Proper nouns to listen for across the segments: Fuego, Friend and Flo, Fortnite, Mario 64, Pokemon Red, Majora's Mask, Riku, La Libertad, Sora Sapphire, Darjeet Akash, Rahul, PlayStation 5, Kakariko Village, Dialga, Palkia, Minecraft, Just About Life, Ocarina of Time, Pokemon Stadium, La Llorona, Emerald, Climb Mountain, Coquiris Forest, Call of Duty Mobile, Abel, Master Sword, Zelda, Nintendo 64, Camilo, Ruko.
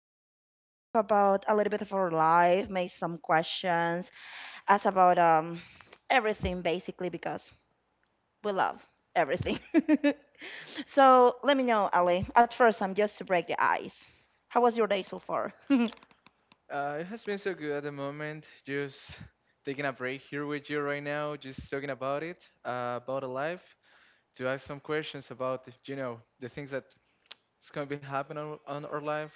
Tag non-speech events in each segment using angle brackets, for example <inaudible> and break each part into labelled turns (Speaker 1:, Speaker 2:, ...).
Speaker 1: start to talk about a little bit of our life, make some questions, ask about everything basically because we love everything. <laughs> So let me know, Ali. At first, I'm just to break the ice. How was your day so far? <laughs>
Speaker 2: It has been so good at the moment. Just taking a break here with you right now, just talking about it, about the life, to ask some questions about, you know, the things that is going to be happening on our life.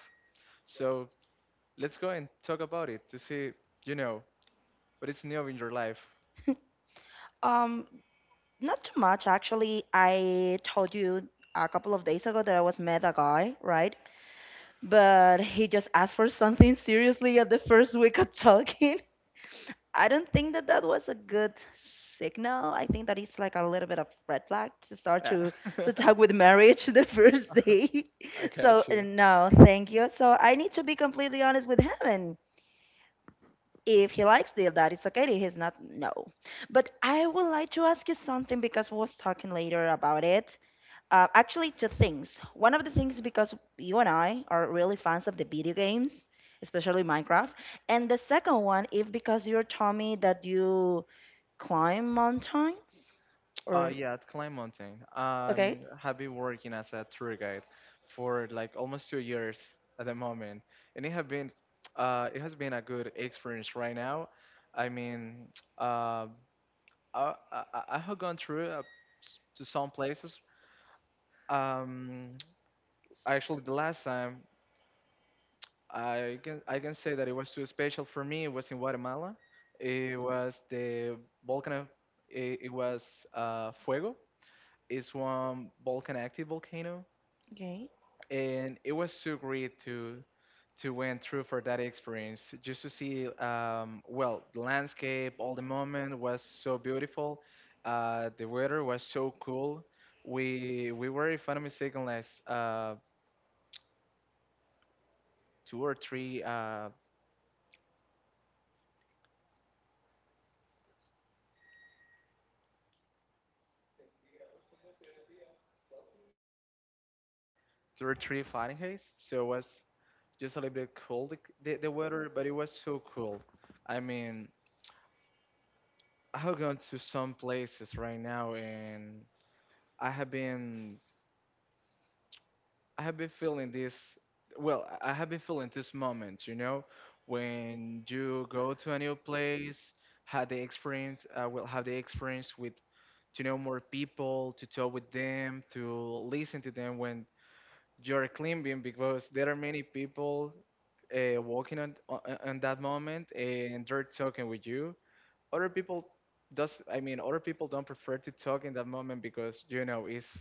Speaker 2: So let's go and talk about it to see, you know, what is new in your life.
Speaker 1: Um, Not too much actually. I told you a couple of days ago that I was met a guy, right? But <laughs> he just asked for something seriously at the first week of talking. <laughs> I don't think that was a good signal. I think that it's like a little bit of red flag to start
Speaker 2: Yeah.
Speaker 1: to
Speaker 2: <laughs>
Speaker 1: to talk with marriage <laughs> the first day. <laughs>
Speaker 2: I
Speaker 1: So
Speaker 2: got you.
Speaker 1: no, thank you. So I need to be completely honest with him, and if he likes the that it's okay, if he's not no, but I would like to ask you something because we was talking later about it, actually two things. One of the things, because you and I are really fans of the video games, especially Minecraft, and the second one, if because you're telling me that you climb mountains or
Speaker 2: Yeah, at Climb Mountain.
Speaker 1: okay,
Speaker 2: Have been working as a tour guide for like almost 2 years at the moment, and it has been a good experience right now. I mean, <tsk> uh, I, I I have gone through to some places. Um, <tsk> Actually, the last time I can say that it was too special for me. It was in Guatemala. It was the volcano. It was Fuego is one Volcan Active volcano,
Speaker 1: okay,
Speaker 2: and it was so great to went through for that experience just to see, well, the landscape all the moment was so beautiful, the weather was so cool. We were, if I'm not mistaken, like two or three uh, 2 or 3 Fahrenheit, so it was just a little bit cold, the weather, but it was so cool. I mean, I have gone to some places right now and i have been I have been feeling this. Well, I have been feeling this moment, you know, when you go to a new place, have the experience, will have the experience with to know more people, to talk with them, to listen to them when you're climbing, because there are many people walking on, on that moment and they're talking with you. Other people does, I mean, other people don't prefer to talk in that moment because you know it's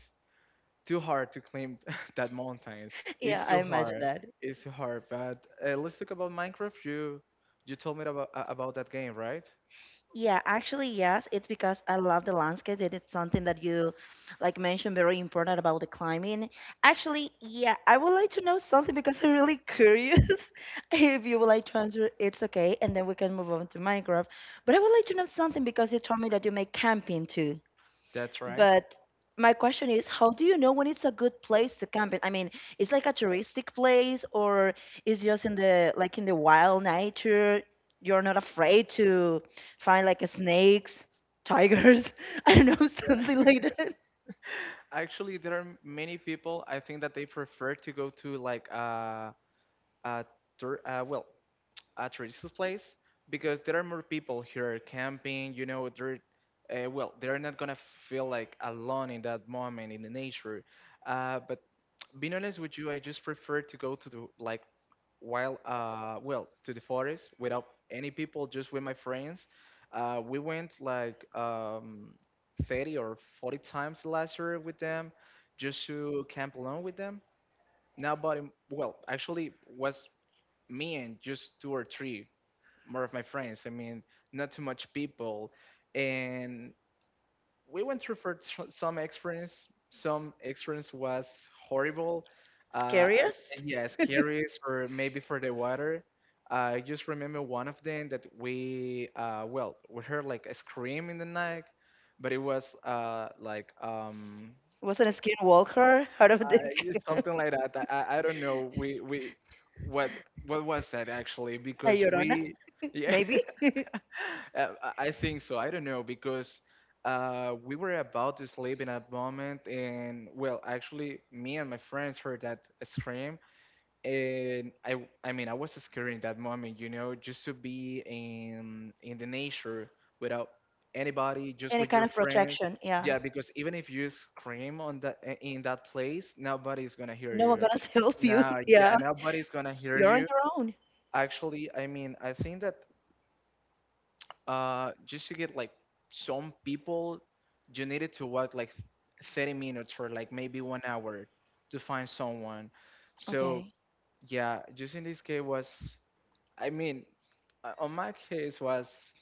Speaker 2: too hard to climb <laughs> that mountains.
Speaker 1: yeah,
Speaker 2: It's
Speaker 1: I
Speaker 2: too
Speaker 1: imagine
Speaker 2: hard.
Speaker 1: that.
Speaker 2: It's too hard. But let's talk about Minecraft. You told me about about that game, right?
Speaker 1: Yeah, actually, yes. It's because I love the landscape, and it's something that you, like, mentioned very important about the climbing. Actually, yeah, I would like to know something because I'm really curious. <laughs> If you would like to answer, it's okay, and then we can move on to Minecraft. But I would like to know something because you told me that you make camping too.
Speaker 2: That's right.
Speaker 1: But my question is, how do you know when it's a good place to camping? I mean, it's like a touristic place or it's just in the like in the wild nature. You're not afraid to find like snakes, tigers, <laughs> I don't know, <laughs> something
Speaker 2: Yeah.
Speaker 1: like that.
Speaker 2: <laughs> Actually, there are many people. I think that they prefer to go to like a tur- well a tourist place because there are more people here camping. You know, they're not gonna feel like alone in that moment in the nature. But being honest with you, I just prefer to go to the like while well to the forest without any people, just with my friends. We went like 30 or 40 times last year with them, just to camp alone with them. Nobody, well, actually was me and just two or three more of my friends. I mean, not too much people, and we went through for some experience. Some experience was horrible.
Speaker 1: Scariest?
Speaker 2: And yeah, scary or maybe for the water. I just remember one of them that we, we heard like a scream in the night, but it was, like,
Speaker 1: Was it a skinwalker out of
Speaker 2: I,
Speaker 1: the
Speaker 2: it's
Speaker 1: <laughs>
Speaker 2: something like that. I don't know. We what what was that actually?
Speaker 1: La
Speaker 2: Because
Speaker 1: Llorona?
Speaker 2: we, <laughs> yeah,
Speaker 1: Maybe? <laughs>
Speaker 2: I think so. I don't know because, we were about to sleep in a moment, and well, actually, me and my friends heard that scream, and I mean, I was scared in that moment, you know, just to be in the nature without anybody, just
Speaker 1: Any
Speaker 2: with
Speaker 1: kind
Speaker 2: your
Speaker 1: of
Speaker 2: friends.
Speaker 1: protection, yeah.
Speaker 2: Yeah, because even if you scream in that place, nobody's gonna hear
Speaker 1: No one
Speaker 2: you.
Speaker 1: gonna <laughs> help you.
Speaker 2: Now, yeah,
Speaker 1: Yeah,
Speaker 2: nobody's gonna hear
Speaker 1: you're on
Speaker 2: you.
Speaker 1: your own.
Speaker 2: Actually, I mean, I think that, just to get like some people, you needed to walk like 30 minutes or like maybe one hour to find someone. So
Speaker 1: Okay.
Speaker 2: yeah, just in this case was, I mean, on my case was,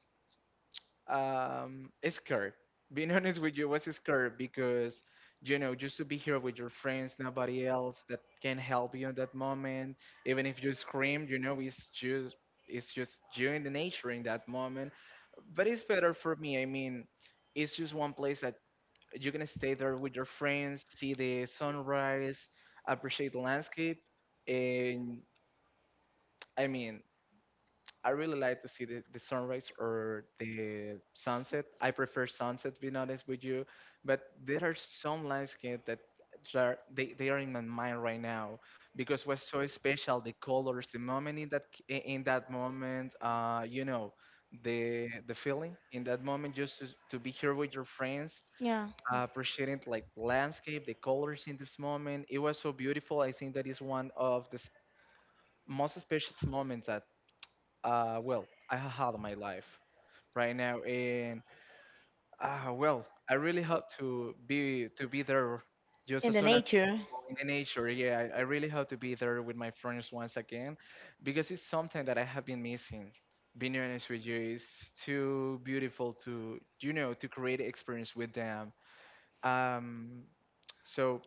Speaker 2: scared, being honest with you. I was scared because, you know, just to be here with your friends, nobody else that can help you in that moment. Even if you scream, you know, it's just you in the nature in that moment. But it's better for me, I mean. It's just one place that you are gonna stay there with your friends, see the sunrise, appreciate the landscape. And I mean, I really like to see the sunrise or the sunset. I prefer sunset, to be honest with you. But there are some landscapes that are, they are in my mind right now because what's so special, the colors, the moment in that moment, you know, the feeling in that moment, just to be here with your friends.
Speaker 1: Yeah,
Speaker 2: Appreciating like landscape, the colors in this moment, it was so beautiful. I think that is one of the most special moments, I have had my life right now, and, I really hope to be there just
Speaker 1: in
Speaker 2: as
Speaker 1: the
Speaker 2: soon as
Speaker 1: nature.
Speaker 2: possible in the nature. Yeah, I really hope to be there with my friends once again, because it's something that I have been missing. Being honest with you, it's too beautiful to, to create experience with them. Um, so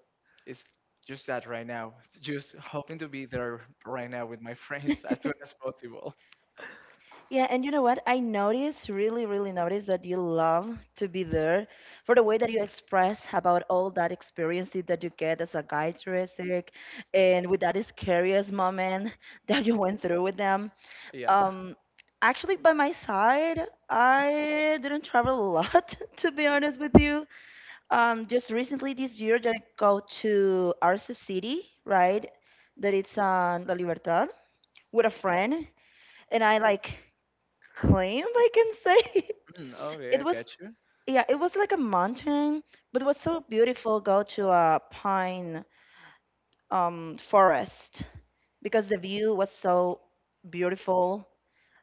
Speaker 2: it's just that right now, just hoping to be there right now with my <laughs> friends as soon as possible. <laughs>
Speaker 1: Yeah, and you know what? I noticed, really, really noticed that you love to be there for the way that you express about all that experiences that you get as a guide touristic and with that scariest moment <laughs> that you went through with them.
Speaker 2: Yeah.
Speaker 1: Um, Actually, by my side, I didn't travel a lot, <laughs> to be honest with you. Just recently this year that I go to Arce City, right? That it's on La Libertad with a friend, and I like claim I can say
Speaker 2: Mm,
Speaker 1: <laughs>
Speaker 2: okay, I
Speaker 1: it
Speaker 2: got
Speaker 1: was
Speaker 2: you.
Speaker 1: yeah, it was like a mountain, but it was so beautiful go to a pine forest because the view was so beautiful.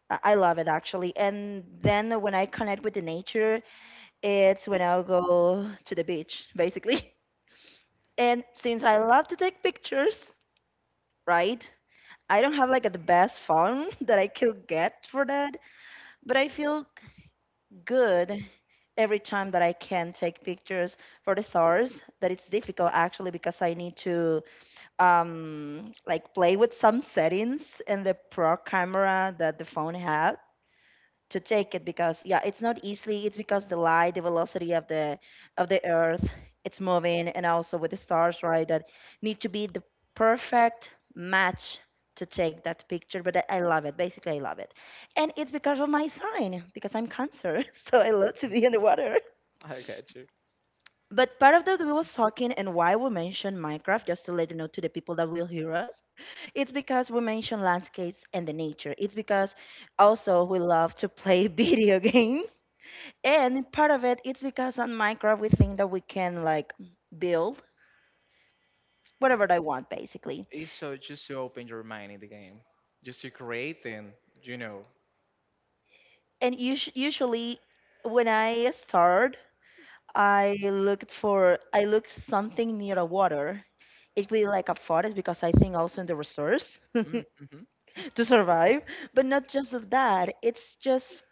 Speaker 1: I love it actually. And then when I connect with the nature, it's when I go to the beach, basically. <laughs> And since I love to take pictures, right? I don't have like the best phone <laughs> that I could get for that, but I feel good every time that I can take pictures for the stars. That it's difficult actually because I need to like play with some settings in the pro camera that the phone have to take it because yeah it's not easily, it's because the light, the velocity of the earth it's moving and also with the stars, right, that need to be the perfect match to take that picture, but I love it basically, I love it, and it's because of my sign because I'm cancer. <laughs> So I love to be in the water,
Speaker 2: I got you.
Speaker 1: but part of that we was talking and why we mentioned Minecraft, just to let you know to the people that will hear us, it's because we mentioned landscapes and the nature. It's because also we love to play <laughs> video games, and part of it, it's because on Minecraft we think that we can like build whatever I want basically.
Speaker 2: It's so just to open your mind in the game, just to create and you know.
Speaker 1: And us usually when I start, I looked for I look something near a water. It will be like a forest because I think also in the resource. <laughs>
Speaker 2: Mm-hmm.
Speaker 1: To survive. But not just of that. It's just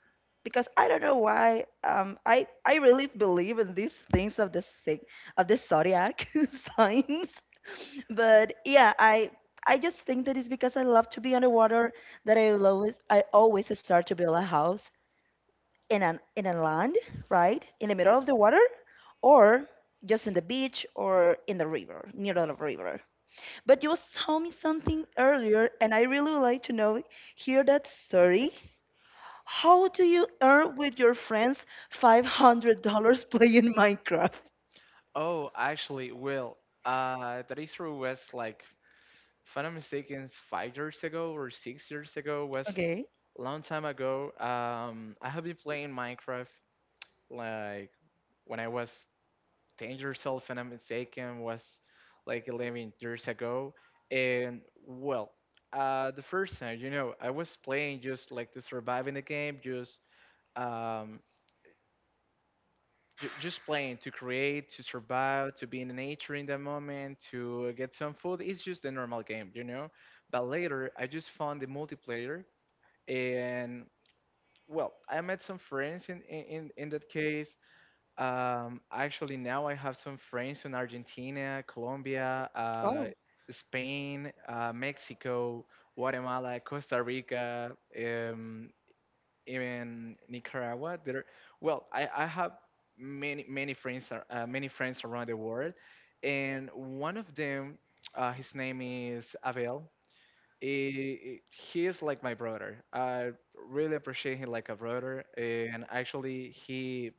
Speaker 1: because I don't know why. I really believe in these things of the zodiac <laughs> signs. But yeah, I just think that it's because I love to be underwater that I will always I always start to build a house in an in a land, right? In the middle of the water or just in the beach or in the river, near the river. But you was telling me something earlier, and I really would like to know, hear that story. How do you earn with your friends $500 <laughs> playing Minecraft?
Speaker 2: Oh, actually, well, that is true. Was like, if I'm not mistaken, 5 years ago or 6 years ago was
Speaker 1: Okay.
Speaker 2: a long time ago. I have been playing Minecraft like when I was 10 years old, if I'm not mistaken, was like 11 years ago. And well, the first time, you know, I was playing just like to survive in the game, just, um, just playing to create, to survive, to be in nature in that moment, to get some food. It's just a normal game, you know. But later, I just found the multiplayer, and well, I met some friends in that case. Actually, now I have some friends in Argentina, Colombia,
Speaker 1: Oh,
Speaker 2: Spain, Mexico, Guatemala, Costa Rica, um, even Nicaragua. There, well, I have many many friends, many friends around the world, and one of them, his name is Abel. He is like my brother. I really appreciate him like a brother, and actually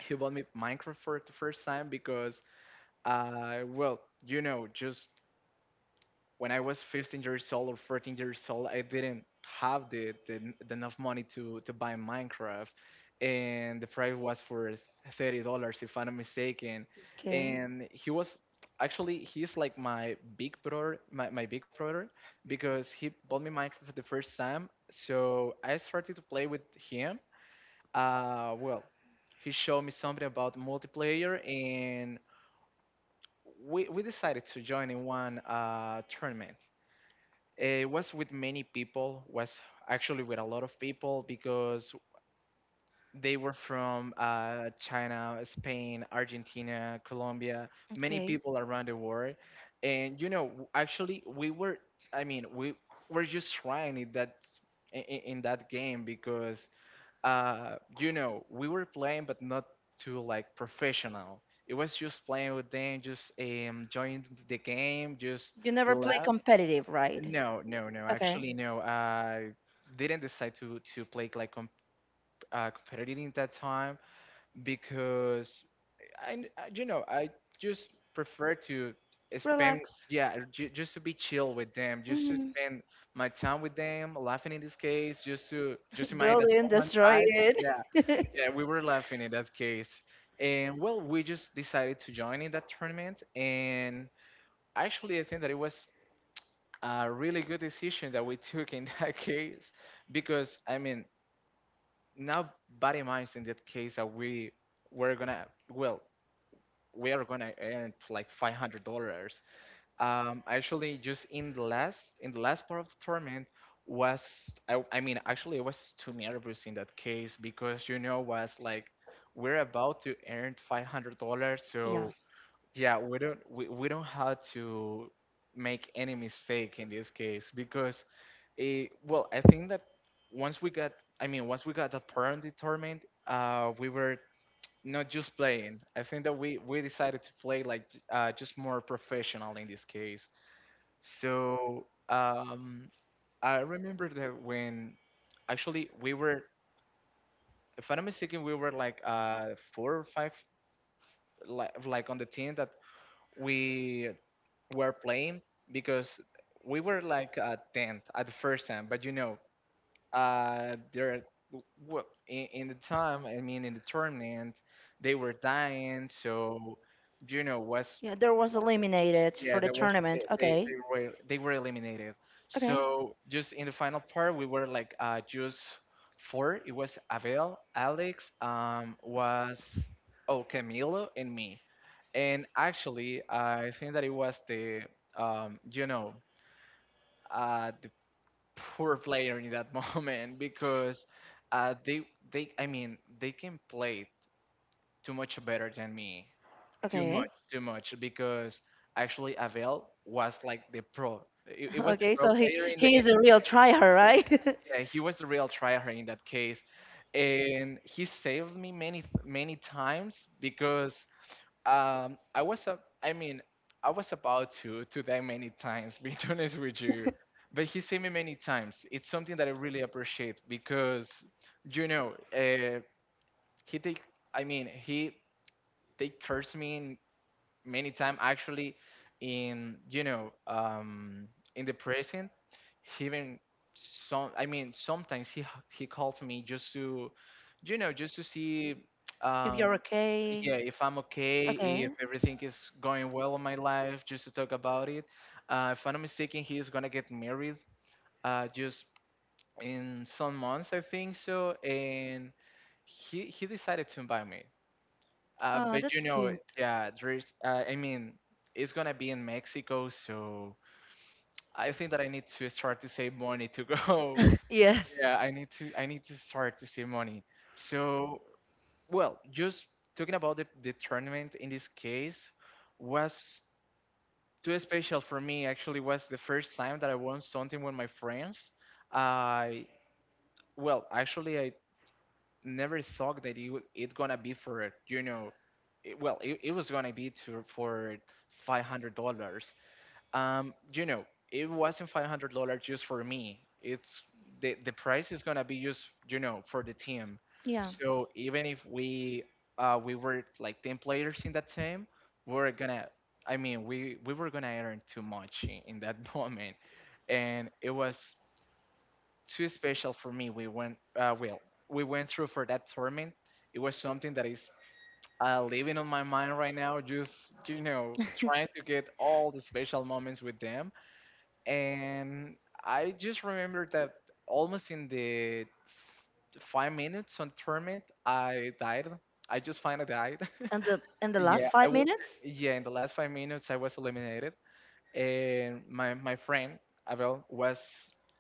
Speaker 2: he bought me Minecraft for the first time because, you know, just when I was 15 years old or 14 years old, I didn't have the enough money to, buy Minecraft, and the price was for $30, if I'm not mistaken.
Speaker 1: okay.
Speaker 2: And he was actually he's like my big brother, my big brother, because he bought me Minecraft for the first time. So I started to play with him, uh, well, he showed me something about multiplayer, and we decided to join in one, tournament. It was with many people, was actually with a lot of people because they were from, China, Spain, Argentina, Colombia, many
Speaker 1: Okay.
Speaker 2: people around the world. And you know, actually, we were, I mean, we were just trying it that in, that game because, you know, we were playing, but not too like professional. It was just playing with them, just, enjoying the game, just
Speaker 1: You
Speaker 2: the
Speaker 1: never play
Speaker 2: lab.
Speaker 1: competitive, right?
Speaker 2: No,
Speaker 1: No.
Speaker 2: no, no.
Speaker 1: Okay.
Speaker 2: Actually, no. I didn't decide to play like, competitively in that time because, you know, I just prefer to spend.
Speaker 1: Relax.
Speaker 2: Yeah, ju just to be chill with them, just to
Speaker 1: Mhm.
Speaker 2: spend my time with them, laughing in this case, just to just
Speaker 1: <laughs>
Speaker 2: imagine
Speaker 1: Build
Speaker 2: that
Speaker 1: it,
Speaker 2: someone
Speaker 1: destroy
Speaker 2: died.
Speaker 1: it.
Speaker 2: Yeah,
Speaker 1: <laughs>
Speaker 2: we were laughing in that case. And well, we just decided to join in that tournament. And actually, I think that it was a really good decision that we <laughs> took in that <laughs> case because, I mean, now body minds in that case that were gonna, well, we are gonna earn like $500 actually, just in the last part of the tournament. I mean, actually, I was too nervous in that case because was like we're about to earn $500.
Speaker 1: Yeah.
Speaker 2: So yeah, we don't have to make any mistake in this case because well, I think that once we got once we got that part of the tournament, we were not just playing. I think that we decided to play like just more professional in this case. So I remember that when actually we were, if I'm not mistaken, we were like four or five, like on the team that we were playing, because we were like 10th at the first time. But uh, there w- in the time, I mean, in the tournament, they were dying. So, was
Speaker 1: Yeah, there was eliminated
Speaker 2: yeah,
Speaker 1: for the
Speaker 2: there was they,
Speaker 1: tournament.
Speaker 2: they,
Speaker 1: Okay.
Speaker 2: they were they were eliminated.
Speaker 1: Okay.
Speaker 2: So just in the final part, we were like just four. It was Abel, Alex, was oh Camilo, and me. And actually, I think that it was the you know the poor player in that <laughs> moment because uh, they they I mean they can play too much better than me, too
Speaker 1: Okay.
Speaker 2: much,
Speaker 1: <laughs>
Speaker 2: too much, because actually, Avel was like the pro. It was the
Speaker 1: Okay,
Speaker 2: pro
Speaker 1: so he
Speaker 2: player in the
Speaker 1: he
Speaker 2: end.
Speaker 1: is a real tryhard, right? <laughs>
Speaker 2: Yeah, he was the real tryhard in that case, and he saved me many times because I was a I mean I was about to die many times. <laughs> Being honest with you. But he saved me many times. It's something that I really appreciate because, you know, uh, he take. I mean, he they cursed me many time actually in you know in the present. He even sometimes he calls me just to just to see
Speaker 1: If
Speaker 2: um
Speaker 1: you're
Speaker 2: yeah,
Speaker 1: okay.
Speaker 2: if I'm okay, if
Speaker 1: Okay.
Speaker 2: everything is going well in my life, just to talk about it. If I'm not mistaken, he is gonna get married just in some months, I think so. And he decided to invite me,
Speaker 1: Oh,
Speaker 2: but
Speaker 1: that's cute.
Speaker 2: yeah, I mean, it's gonna be in Mexico, so I think that I need to start to save money to go. <laughs>
Speaker 1: Yes.
Speaker 2: Yeah, I need to start to save money. So, well, just talking about the tournament, in this case, was too special for me. Actually, was the first time that I won something with my friends. I, well, actually, I never thought that it gonna be for well, it was gonna be to for $500. It wasn't $500 just for me. It's the price is gonna be used, for the team.
Speaker 1: Yeah.
Speaker 2: So even if we were like 10 players in that team, we're gonna. I mean, we were gonna earn too much in that <laughs> moment, and it was too special for me. We went well, we went through for that tournament. It was something that is living on my mind right now. Just trying to get all the special moments with them. And I just remember that almost in the 5 minutes on tournament, I died. I just finally died. <laughs>
Speaker 1: And the
Speaker 2: Yeah,
Speaker 1: last
Speaker 2: I
Speaker 1: five
Speaker 2: was.
Speaker 1: minutes?
Speaker 2: Yeah, in the last 5 minutes, I was eliminated, and my friend Abel was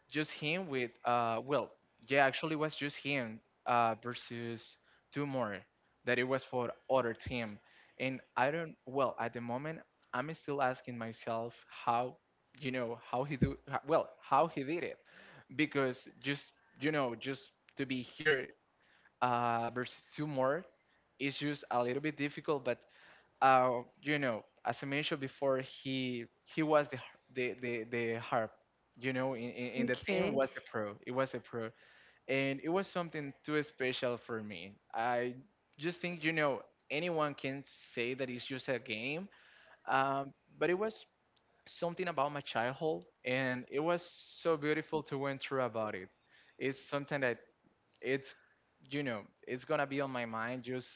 Speaker 2: just him with well yeah actually was just him versus two more that it was for other team. And I don't well, at the moment, I'm still asking myself how how he do ho- well how he did it, because just just to be here versus two more is just a little bit difficult. But as I mentioned before, he was the harp. You know, in the team,
Speaker 1: Okay.
Speaker 2: was a pro. It was a pro, and it was something too special for me. I just think anyone can say that it's just a game, um, but it was something about my childhood, and it was so beautiful to went through about it. It's something that it's you know it's gonna be on my mind just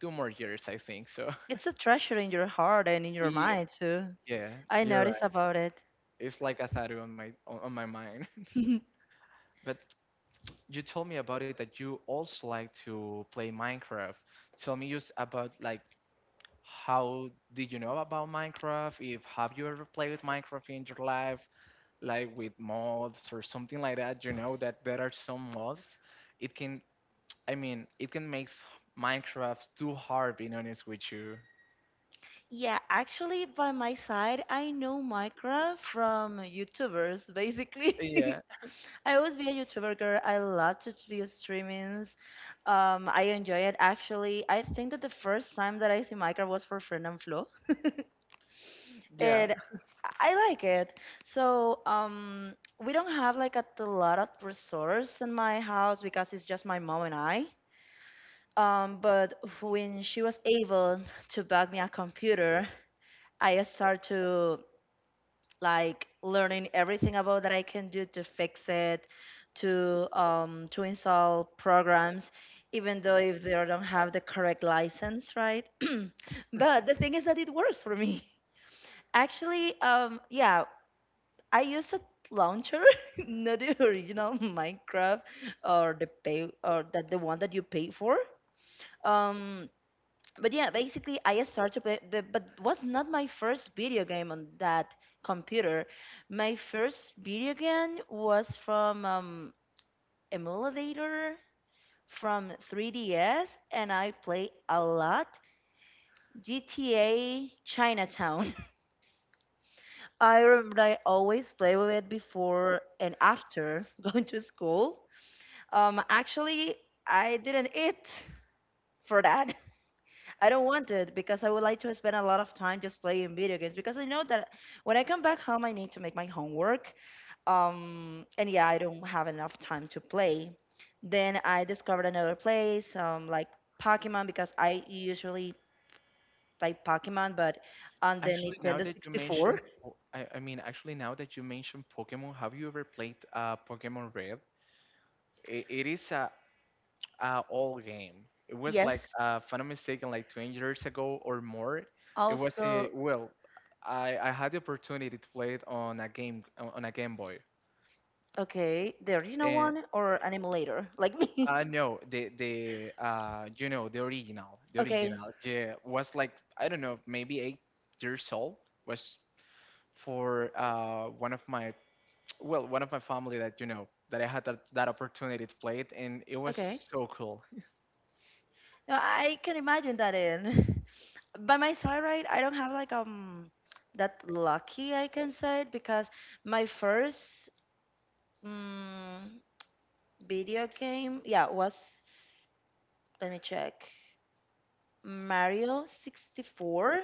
Speaker 2: 2 more years, I think. So.
Speaker 1: It's a treasure in your heart and in your
Speaker 2: <laughs>
Speaker 1: mind too.
Speaker 2: Yeah,
Speaker 1: I
Speaker 2: you're
Speaker 1: noticed
Speaker 2: right.
Speaker 1: about it.
Speaker 2: It's like a tattoo on my on my mind.
Speaker 1: <laughs>
Speaker 2: <laughs> But you told me about it that you also like to play Minecraft. Tell me just about, like, how did you know about Minecraft? If Have you ever played with Minecraft in your life, like with mods or something like that? You know that there are some mods. It can, I mean, it can make Minecraft too hard, being honest with you.
Speaker 1: Yeah, actually, by my side, I know Minecraft from YouTubers, basically.
Speaker 2: Yeah,
Speaker 1: <laughs> I always be a YouTuber girl. I love to do streamings. I enjoy it. Actually, I think that the first time that I see Minecraft was for Friend and Flo. <laughs>
Speaker 2: yeah.
Speaker 1: It, I like it. So, we don't have like a lot of resource in my house because it's just my mom and I. But when she was able to buy me a computer, I start to like learning everything about that I can do to fix it, to install programs, even though if they don't have the correct license, right? <clears throat> But the thing is that it works for me. <laughs> Actually, yeah, I use a launcher, <laughs> not the original <laughs> Minecraft or the pay or that the one that you pay for. Um, but yeah, basically I started to play the, but was not my first video game on that computer. My first video game was from emulator from 3DS, and I play a lot GTA Chinatown. <laughs> I remember I always play with it before and after <laughs> going to school. Actually, I didn't eat for that. <laughs> I don't want it because I would like to spend a lot of time just playing video games because I know that when I come back home, I need to make my homework. And yeah, I don't have enough time to play. Then I discovered another place, like Pokemon, because I usually play Pokemon, but on the
Speaker 2: Actually, now
Speaker 1: Nintendo
Speaker 2: that you mentioned,
Speaker 1: 64. <laughs>
Speaker 2: po- I mean, actually, now that you mentioned Pokemon, have you ever played Pokemon Red? It is a old game. It was
Speaker 1: Yes,
Speaker 2: like, if I'm not mistaken, like 20 years ago or more.
Speaker 1: also,
Speaker 2: Well, I had the opportunity to play it on a Game Boy,
Speaker 1: okay, the original
Speaker 2: and
Speaker 1: one or an emulator, like me.
Speaker 2: I know the you know
Speaker 1: <laughs>
Speaker 2: the original,
Speaker 1: Okay,
Speaker 2: yeah, was like I don't know, maybe 8 years old. Was for one of my family that that I had that opportunity to play it, and it was
Speaker 1: okay.
Speaker 2: so cool.
Speaker 1: Yeah, I can imagine that in. <laughs> By my side, right, I don't have like that lucky I can say it because my first um, video game, yeah, was let me check Mario 64,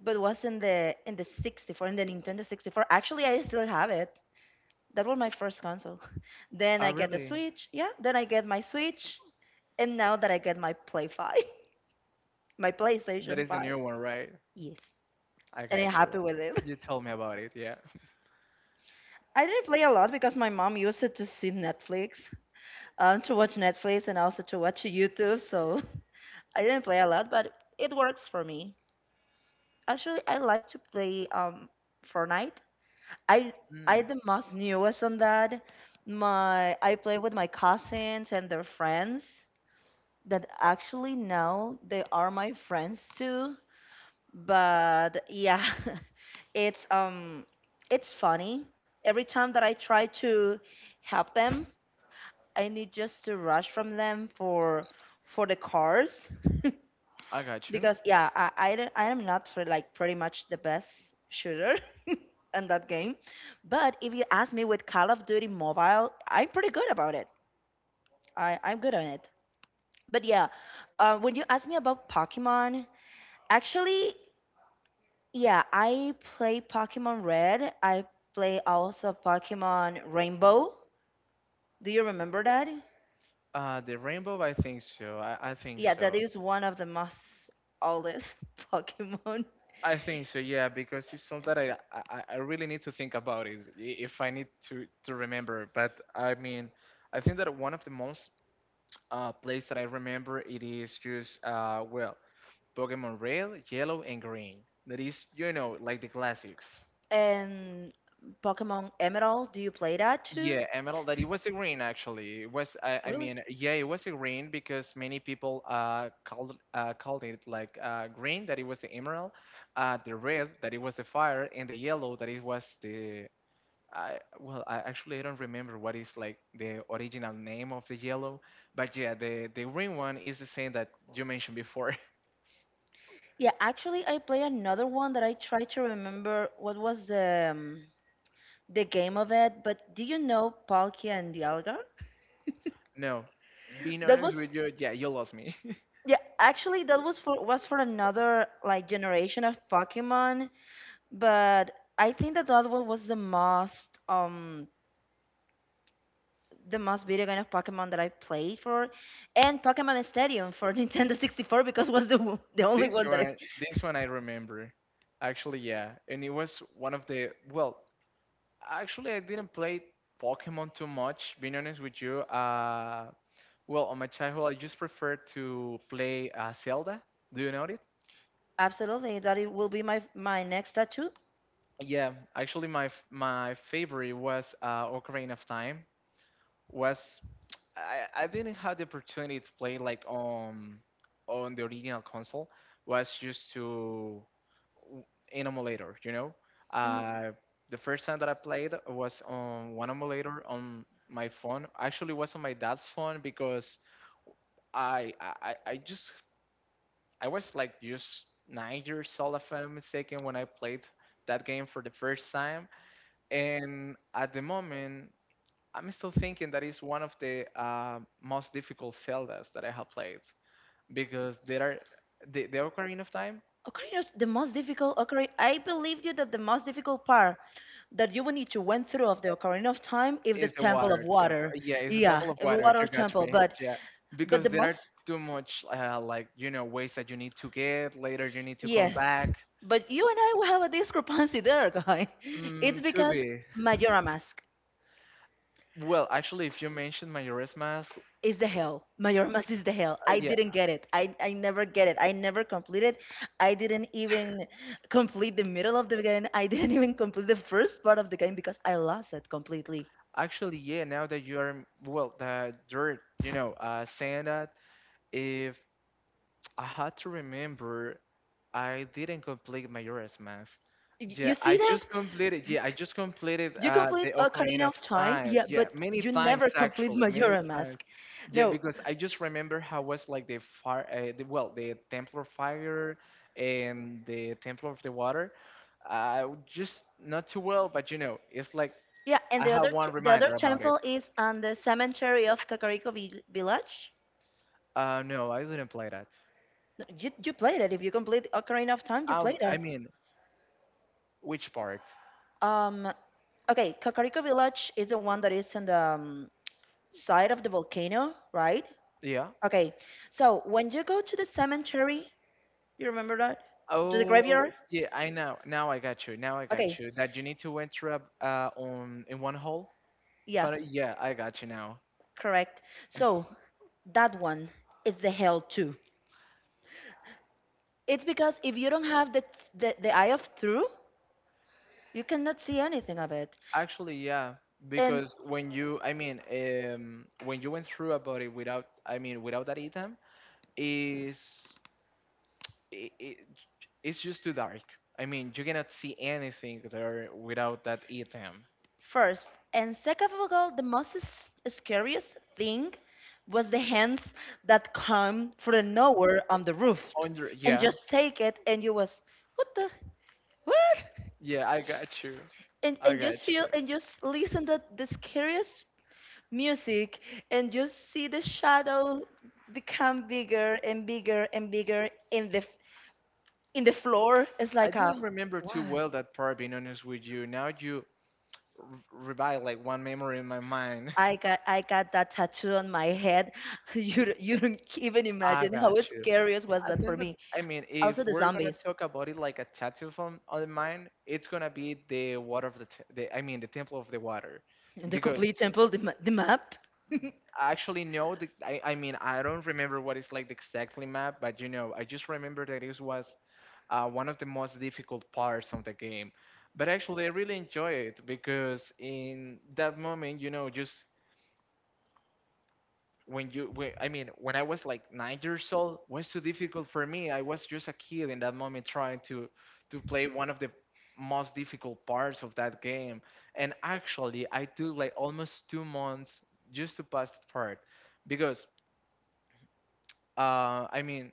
Speaker 1: but was in the 64 in the Nintendo 64. Actually, I still have it. That was my first console. <laughs> Then
Speaker 2: I
Speaker 1: I get the
Speaker 2: really,
Speaker 1: Switch, yeah. Then I get my Switch, and now that I get my Play 5, <laughs> my
Speaker 2: that
Speaker 1: PlayStation
Speaker 2: is a
Speaker 1: 5,
Speaker 2: new one, right?
Speaker 1: yes,
Speaker 2: I
Speaker 1: and
Speaker 2: got
Speaker 1: I'm
Speaker 2: you.
Speaker 1: happy with it.
Speaker 2: You told me about it, yeah.
Speaker 1: I didn't play a lot because my mom used it to see Netflix, to watch Netflix and also to watch YouTube. So <laughs> I didn't play a lot, but it works for me. Actually, I like to play Fortnite. I
Speaker 2: Mm.
Speaker 1: I the most newest on that. My I play with my cousins and their friends that actually now they are my friends too. But yeah, <laughs> it's um it's funny every time that I try to help them I need just to rush from them for the cars
Speaker 2: I
Speaker 1: <laughs>
Speaker 2: got you.
Speaker 1: because yeah, I am not for like pretty much the best shooter <laughs> in that game. But if you ask me with Call of Duty Mobile, I'm pretty good about it. I'm good on it. But yeah, when you ask me about Pokemon, actually, yeah, I play Pokemon Red. I play also Pokemon Rainbow. Do you remember that?
Speaker 2: The rainbow, I think so. I think
Speaker 1: Yeah, that
Speaker 2: so.
Speaker 1: is one of the most oldest <laughs> Pokemon.
Speaker 2: I think so, yeah, because it's something that I really need to think about it, if I need to remember. But I mean, I think that one of the most plays that I remember it is just well, Pokemon Red, Yellow, and Green. That is, like the classics.
Speaker 1: And Pokemon Emerald, do you play that too?
Speaker 2: Yeah, Emerald, that it was a green actually. I
Speaker 1: Really?
Speaker 2: mean, yeah, it was a green because many people called it like green, that it was the emerald, the red, that it was the fire, and the yellow, that it was the. Well, I actually I don't remember what is like the original name of the yellow, but yeah, the green one is the same that you mentioned before.
Speaker 1: Yeah, actually, I play another one that I try to remember what was the game of it. But do you know Palkia and Dialga? <laughs>
Speaker 2: <laughs> No, being
Speaker 1: That
Speaker 2: honest
Speaker 1: was
Speaker 2: with you, yeah, you lost me. <laughs>
Speaker 1: yeah, actually that was for another like generation of Pokemon. But I think that one was the most video game of Pokemon that I played for, and Pokemon Stadium for <laughs> Nintendo 64, because was the only one that I <laughs>
Speaker 2: This one I remember. Actually, yeah, and it was one of the well. Actually, I didn't play Pokemon too much. Being honest with you, well, on my childhood, I just preferred to play Zelda. Do you know it?
Speaker 1: absolutely that it will be my next tattoo.
Speaker 2: Yeah, actually, my favorite was Ocarina of Time. Was I didn't have the opportunity to play like on the original console. Was used w- in emulator, you know.
Speaker 1: Mm.
Speaker 2: Uh, the first time that I played was on one emulator on my phone. Actually, it was on my dad's phone because I I I I just I was like just 9 years old, if I'm not mistaken, when I played that game for the first time. And at the moment, I'm still thinking that is one of the most difficult Zeldas that I have played, because the Ocarina of Time
Speaker 1: Ocarina of the most difficult Ocarina. I believed you that the most difficult part that you will need to went through of the Ocarina of Time is the
Speaker 2: is a
Speaker 1: Temple of
Speaker 2: water temple.
Speaker 1: Water.
Speaker 2: Yeah, it's a temple
Speaker 1: Yeah,
Speaker 2: of
Speaker 1: the
Speaker 2: water.
Speaker 1: Water
Speaker 2: You got
Speaker 1: Temple.
Speaker 2: me.
Speaker 1: But
Speaker 2: Yeah,
Speaker 1: but
Speaker 2: because
Speaker 1: the
Speaker 2: there are
Speaker 1: most,
Speaker 2: too much, like ways that you need to get later. You need to come
Speaker 1: yes.
Speaker 2: back.
Speaker 1: But you and I will have a discrepancy there, guy. <laughs> It's
Speaker 2: Mm, could
Speaker 1: because
Speaker 2: be.
Speaker 1: Majora Mask
Speaker 2: Well, actually, if you mentioned Majora's Mask,
Speaker 1: is the hell.
Speaker 2: uh,
Speaker 1: Majora Mask is the hell. I
Speaker 2: yeah,
Speaker 1: didn't get it. I never get it. I never completed. I didn't even complete the middle of the game. I didn't even complete the first part of the game because I lost it completely.
Speaker 2: actually, yeah. Now that you are well, the dirt, saying that, if I had to remember, I didn't complete Majora's Mask.
Speaker 1: Y-
Speaker 2: Yeah,
Speaker 1: You
Speaker 2: I
Speaker 1: see that?
Speaker 2: just completed. Yeah, I just completed
Speaker 1: You complete
Speaker 2: the
Speaker 1: Ocarina
Speaker 2: Ocarina of
Speaker 1: of Time,
Speaker 2: Time.
Speaker 1: yeah,
Speaker 2: Yeah,
Speaker 1: but
Speaker 2: many
Speaker 1: you never
Speaker 2: times,
Speaker 1: complete
Speaker 2: actually, many
Speaker 1: Majora
Speaker 2: times.
Speaker 1: Mask.
Speaker 2: Yeah,
Speaker 1: No,
Speaker 2: because I just remember how was like the fire, well, the Temple of Fire and the Temple of the Water. Just not too well, but it's like
Speaker 1: yeah, and
Speaker 2: I
Speaker 1: the
Speaker 2: have
Speaker 1: other t-
Speaker 2: one
Speaker 1: the other
Speaker 2: reminder about it.
Speaker 1: temple is on the cemetery of Kakariko Village.
Speaker 2: No, I didn't play that.
Speaker 1: No, you play that. If you complete Ocarina of Time, you play
Speaker 2: I
Speaker 1: that.
Speaker 2: mean, which part?
Speaker 1: Um, okay, Kakariko Village is the one that is on the side of the volcano, right?
Speaker 2: Yeah.
Speaker 1: Okay, so when you go to the cemetery, you remember that? To the
Speaker 2: Oh,
Speaker 1: graveyard?
Speaker 2: yeah, I know. Now I got you. Now I
Speaker 1: Okay.
Speaker 2: got you. That you need to enter up, on in one hole.
Speaker 1: Yeah,
Speaker 2: Yeah, I got you now.
Speaker 1: correct. So that one is the hell too. It's because if you don't have the eye of through, you cannot see anything of it.
Speaker 2: Actually, yeah,
Speaker 1: And
Speaker 2: because when you went through a body without, I mean, without that item, is it, it, it's just too dark. I mean, you cannot see anything there without that item.
Speaker 1: first and second of all, the most scariest thing was the hands that come from nowhere on the roof and
Speaker 2: Yeah,
Speaker 1: just take it, and you was what the what,
Speaker 2: yeah, I got you.
Speaker 1: and
Speaker 2: I
Speaker 1: and
Speaker 2: got
Speaker 1: just feel
Speaker 2: you.
Speaker 1: and just listen to the scariest music and just see the shadow become bigger and bigger and bigger in the floor. It's
Speaker 2: I
Speaker 1: like a
Speaker 2: didn't remember too
Speaker 1: why
Speaker 2: well that part, being honest with you. Now you r- revive like one memory in my mind.
Speaker 1: I got, I got that tattoo on my head. <laughs> You don't even
Speaker 2: <laughs> I
Speaker 1: imagine how
Speaker 2: got you.
Speaker 1: scariest was
Speaker 2: I
Speaker 1: that
Speaker 2: think
Speaker 1: for
Speaker 2: that,
Speaker 1: me,
Speaker 2: I mean,
Speaker 1: also
Speaker 2: if
Speaker 1: the
Speaker 2: we're gonna
Speaker 1: zombies
Speaker 2: talk about it like a tattoo from on mine, it's gonna be the water of the temple of the water,
Speaker 1: and the
Speaker 2: because
Speaker 1: complete temple, the map. <laughs>
Speaker 2: I actually know I mean, I don't remember what it's like the exactly map, but I just remember that it was one of the most difficult parts of the game. But actually, I really enjoy it because in that moment, you know, just when you when, I mean when I was like 9 years old. Was too difficult for me. I was just a kid in that moment trying to play one of the most difficult parts of that game. And actually I took like almost 2 months just to pass that part because uh i mean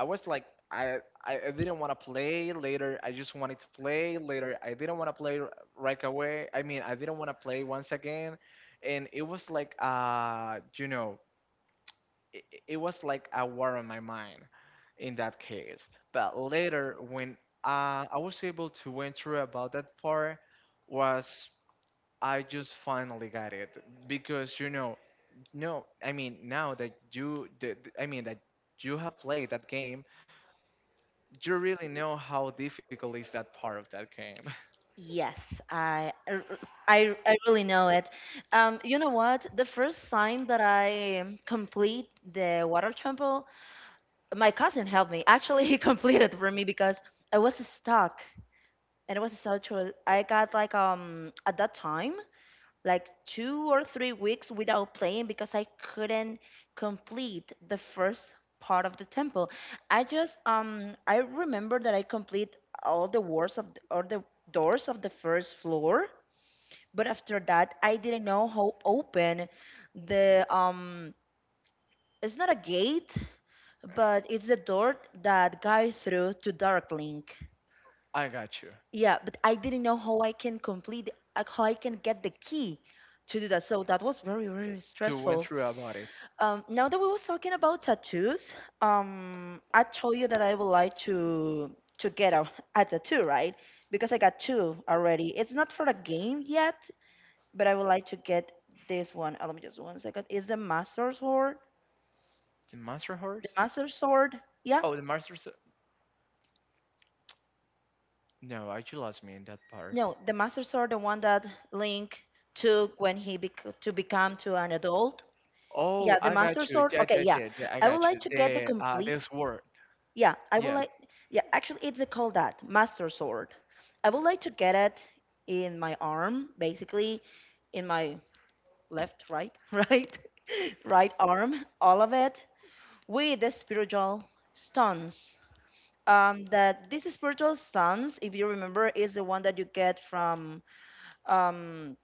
Speaker 2: I was like I didn't want to play later. I just wanted to play later. I didn't want to play right away. I mean, I didn't want to play once again. And it was like it was like a war on my mind in that case. But later, when I was able to went through about that part, was I just finally got it. Because you know, no, I mean now that I mean that you have played that game, you really know how difficult is that part of that game.
Speaker 1: Yes, I, r- I really know it. You know what? The first sign that I complete the water temple, my cousin helped me. Actually, he <laughs> completed for me because I was stuck, and it was so true. I got like at that time like 2 or 3 weeks without playing because I couldn't complete the first part of the temple. I just I remember that I complete all the wards of the doors of the first floor, but after that, I didn't know how open the it's not a gate, but it's the door that guy through to Dark Link.
Speaker 2: <laughs> I got you
Speaker 1: Yeah, but I didn't know how I can complete how I can get the key to do that. So that was very
Speaker 2: to went
Speaker 1: stressful.
Speaker 2: through about it.
Speaker 1: Now that we was talking about tattoos, I told you that I would like to get a tattoo, right? Because I got two already. It's not for a game yet, but I would like to get this one. Let me just one second. Is the Master Sword?
Speaker 2: The Master
Speaker 1: The
Speaker 2: Horse?
Speaker 1: Master Sword? Yeah.
Speaker 2: Oh, the Master. No, I you lost me in that part.
Speaker 1: No, the Master Sword, the one that Link took when he to become to an adult.
Speaker 2: Oh,
Speaker 1: Yeah, the
Speaker 2: I got
Speaker 1: Master
Speaker 2: you.
Speaker 1: Sword.
Speaker 2: Yeah,
Speaker 1: Okay,
Speaker 2: yeah,
Speaker 1: yeah.
Speaker 2: yeah, yeah, I
Speaker 1: I would
Speaker 2: got
Speaker 1: like
Speaker 2: you.
Speaker 1: to get the
Speaker 2: The
Speaker 1: complete.
Speaker 2: this word.
Speaker 1: Yeah, I would
Speaker 2: Yeah.
Speaker 1: like. Yeah, actually, it's called that Master Sword. I would like to get it in my arm, basically, in my left, right, <laughs> right, right arm, all of it, with the spiritual stones. Um, that this spiritual stance, if you remember, is the one that you get from um,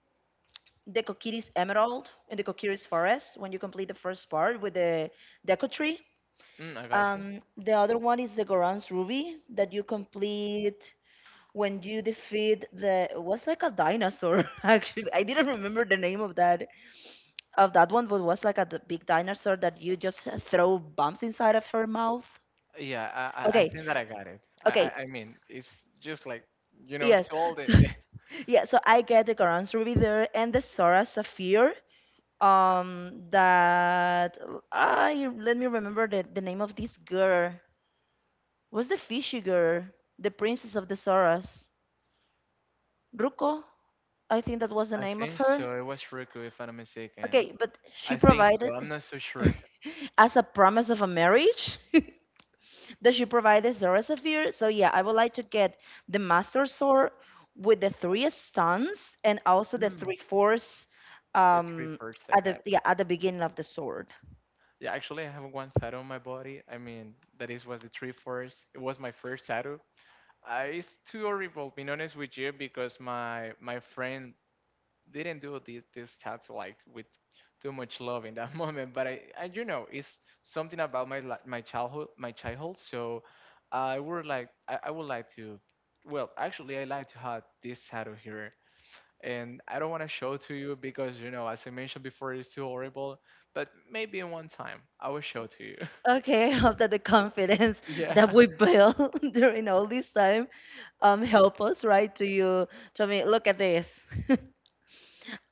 Speaker 1: the Coquiris Emerald in the Coquiris Forest when you complete the first part with the Deco Tree.
Speaker 2: Mm, I got you.
Speaker 1: The other one is the Goran's Ruby that you complete when you defeat the, it was like a dinosaur. <laughs> Actually, I didn't remember the name of that one, but it was like a big dinosaur that you just throw bumps inside of her mouth.
Speaker 2: Yeah, I
Speaker 1: Okay,
Speaker 2: think that I got it. I, I,
Speaker 1: okay.
Speaker 2: I mean, it's just like you know,
Speaker 1: Yes.
Speaker 2: to all the.
Speaker 1: So
Speaker 2: The- <laughs>
Speaker 1: <laughs> yeah, so I get the Quran Ruby there and the Sora Sapphire. Um, that, I let me remember the name of this girl. Was the fishy girl? The princess of the Soras. Ruko? I think that was the
Speaker 2: I
Speaker 1: name of
Speaker 2: think
Speaker 1: her.
Speaker 2: so. It was Riku, if I'm not mistaken.
Speaker 1: Okay, but she
Speaker 2: I think
Speaker 1: provided
Speaker 2: so. I'm not so sure.
Speaker 1: <laughs> as a promise of a marriage. <laughs> Does she provide the Zora Sapphire? So yeah, I would like to get the Master Sword with the three stuns and also the
Speaker 2: Mm,
Speaker 1: three force,
Speaker 2: the three
Speaker 1: um,
Speaker 2: first I
Speaker 1: at the,
Speaker 2: got.
Speaker 1: yeah, at the beginning of the sword.
Speaker 2: Yeah, actually, I have one tattoo on my body. I mean, that is was the three first. It was my first tattoo. It's too horrible, being honest with you, because my friend didn't do this task like with too much love in that <laughs> moment. But I you know, it's something about my childhood, my childhood. So I would like, I would like to, well, actually, I like to have this tattoo here, and I don't want to show to you because you know, as I mentioned before, it's too horrible. But maybe in one time, I will show to you. <laughs>
Speaker 1: Okay. <laughs> I hope that the confidence that
Speaker 2: Yeah,
Speaker 1: we built <laughs> during all this time, um, help us, right? To you, to me, look at this. <laughs>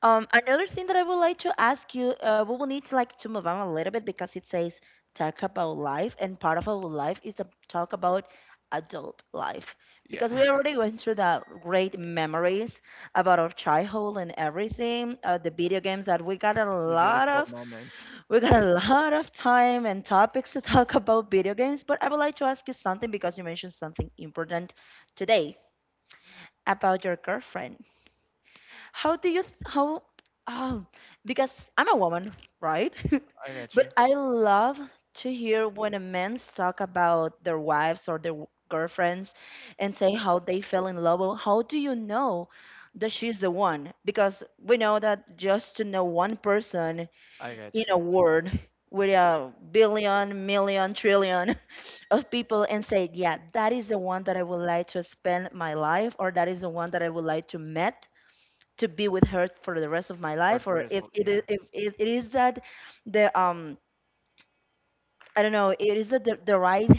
Speaker 1: Another thing that I would like to ask you, we will need to like to move on a little bit because it says talk about life, and part of our life is to talk about adult life,
Speaker 2: yeah,
Speaker 1: because we
Speaker 2: <laughs>
Speaker 1: already went through the great memories about our childhood and everything, the video games that we got a
Speaker 2: the
Speaker 1: lot
Speaker 2: beautiful
Speaker 1: of,
Speaker 2: moment.
Speaker 1: we got a <laughs> lot of time and topics to talk about video games. But I would like to ask you something, because you mentioned something important today about your girlfriend. How do you th- how oh, because I'm a woman, right?
Speaker 2: I
Speaker 1: <laughs>
Speaker 2: got
Speaker 1: But
Speaker 2: you.
Speaker 1: I love to hear when a man talk about their wives or their girlfriends, and say how they fell in love. Well, how do you know that she's the one? Because we know that just to know one person
Speaker 2: I got
Speaker 1: in
Speaker 2: you.
Speaker 1: a world with a billion, million, trillion <laughs> of people, and say, yeah, that is the one that I would like to spend my life, or that is the one that I would like to meet to be with her for the rest of my
Speaker 2: For
Speaker 1: life,
Speaker 2: the
Speaker 1: or
Speaker 2: rest,
Speaker 1: if it
Speaker 2: yeah,
Speaker 1: is, if it, it is that the I don't know, it is that the right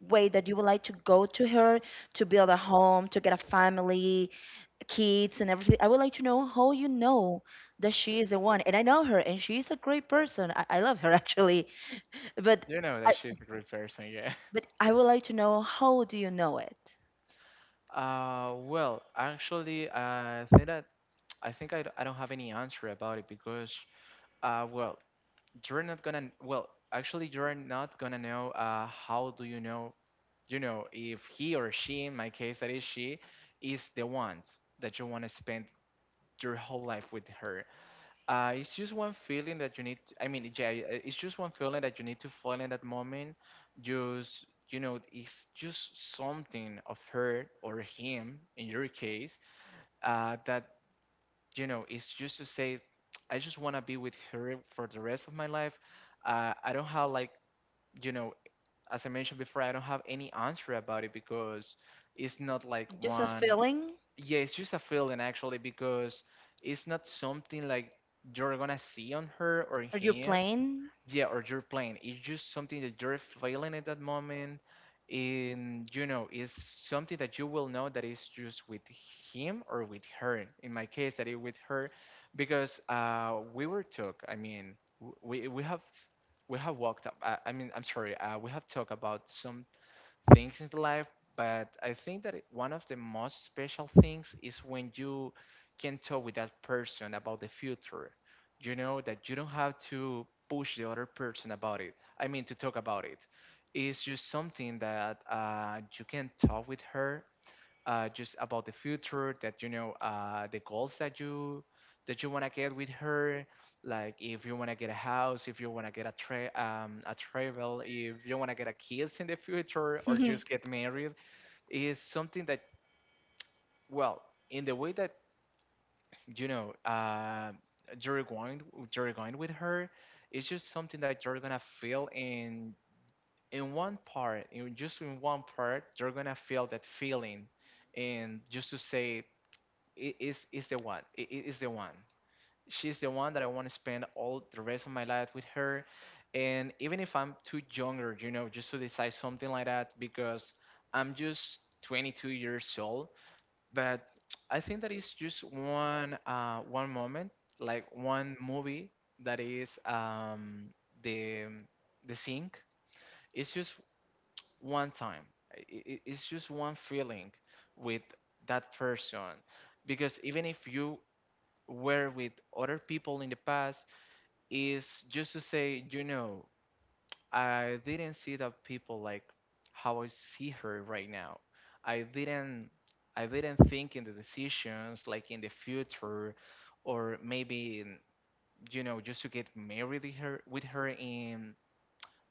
Speaker 1: way that you would like to go to her, to build a home, to get a family, kids, and everything. I would like to know how you know that she is the one. And I know her, and she is a great person. I love her <laughs> actually, but
Speaker 2: you know
Speaker 1: I
Speaker 2: that she's a great person. Yeah.
Speaker 1: I would like to know, how do you know? It
Speaker 2: <laughs> Uh, well, actually, I think that I think I, d- I don't have any answer about it because well you're not gonna well actually you're not gonna know how do you know, you know, if he or she, in my case that is she, is the one that you want to spend your whole life with her. It's just one feeling that you need. I mean, yeah, yeah, it's just one feeling that you need to feel in that moment. Just you know, it's just something of her or him in your case. That you know, it's just to say, <tsk> I just wanna be with her for the rest of my life. I don't have like you know as I mentioned before, I don't have any answer about it because it's not like
Speaker 1: just a
Speaker 2: one.
Speaker 1: feeling?
Speaker 2: Yeah, it's just a feeling actually, because it's not something like you're gonna see on her or
Speaker 1: Are you
Speaker 2: him,
Speaker 1: playing?
Speaker 2: yeah, or your plan. It's just something that you're feeling at that moment, and you know it's something that you will know that is just with him or with her, in my case that it with her. Because we were talk. I mean w- we have walked up I mean I'm sorry we have talked about some things in life, but I think that one of the most special things is when you can talk with that person about the future. You know that you don't have to push the other person about it. I mean, to talk about it. It's just something that you can talk with her just about the future, that you know the goals that you want to get with her. Like if you want to get a house, if you want to get a a travel, if you want to get a kids in the future, or
Speaker 1: <laughs>
Speaker 2: just get married, is something that well in the way that you know you're going you're going with her. It's just something that you're gonna feel in one part in just in one part you're gonna feel that feeling and just to say is the one. The one. She's the one that I want to spend all the rest of my life with her. And even if I'm too younger, you know, just to decide something like that because I'm just 22 years old. But I think that it's just one moment, like one movie that is the the sink. It's just one time. It's just one feeling with that person, because even if you were with other people in the past, is just to say, you know, I didn't see the people like how I see her right now. I didn't, I didn't think in the decisions like in the future, or maybe in, you know, just to get married with her, with her in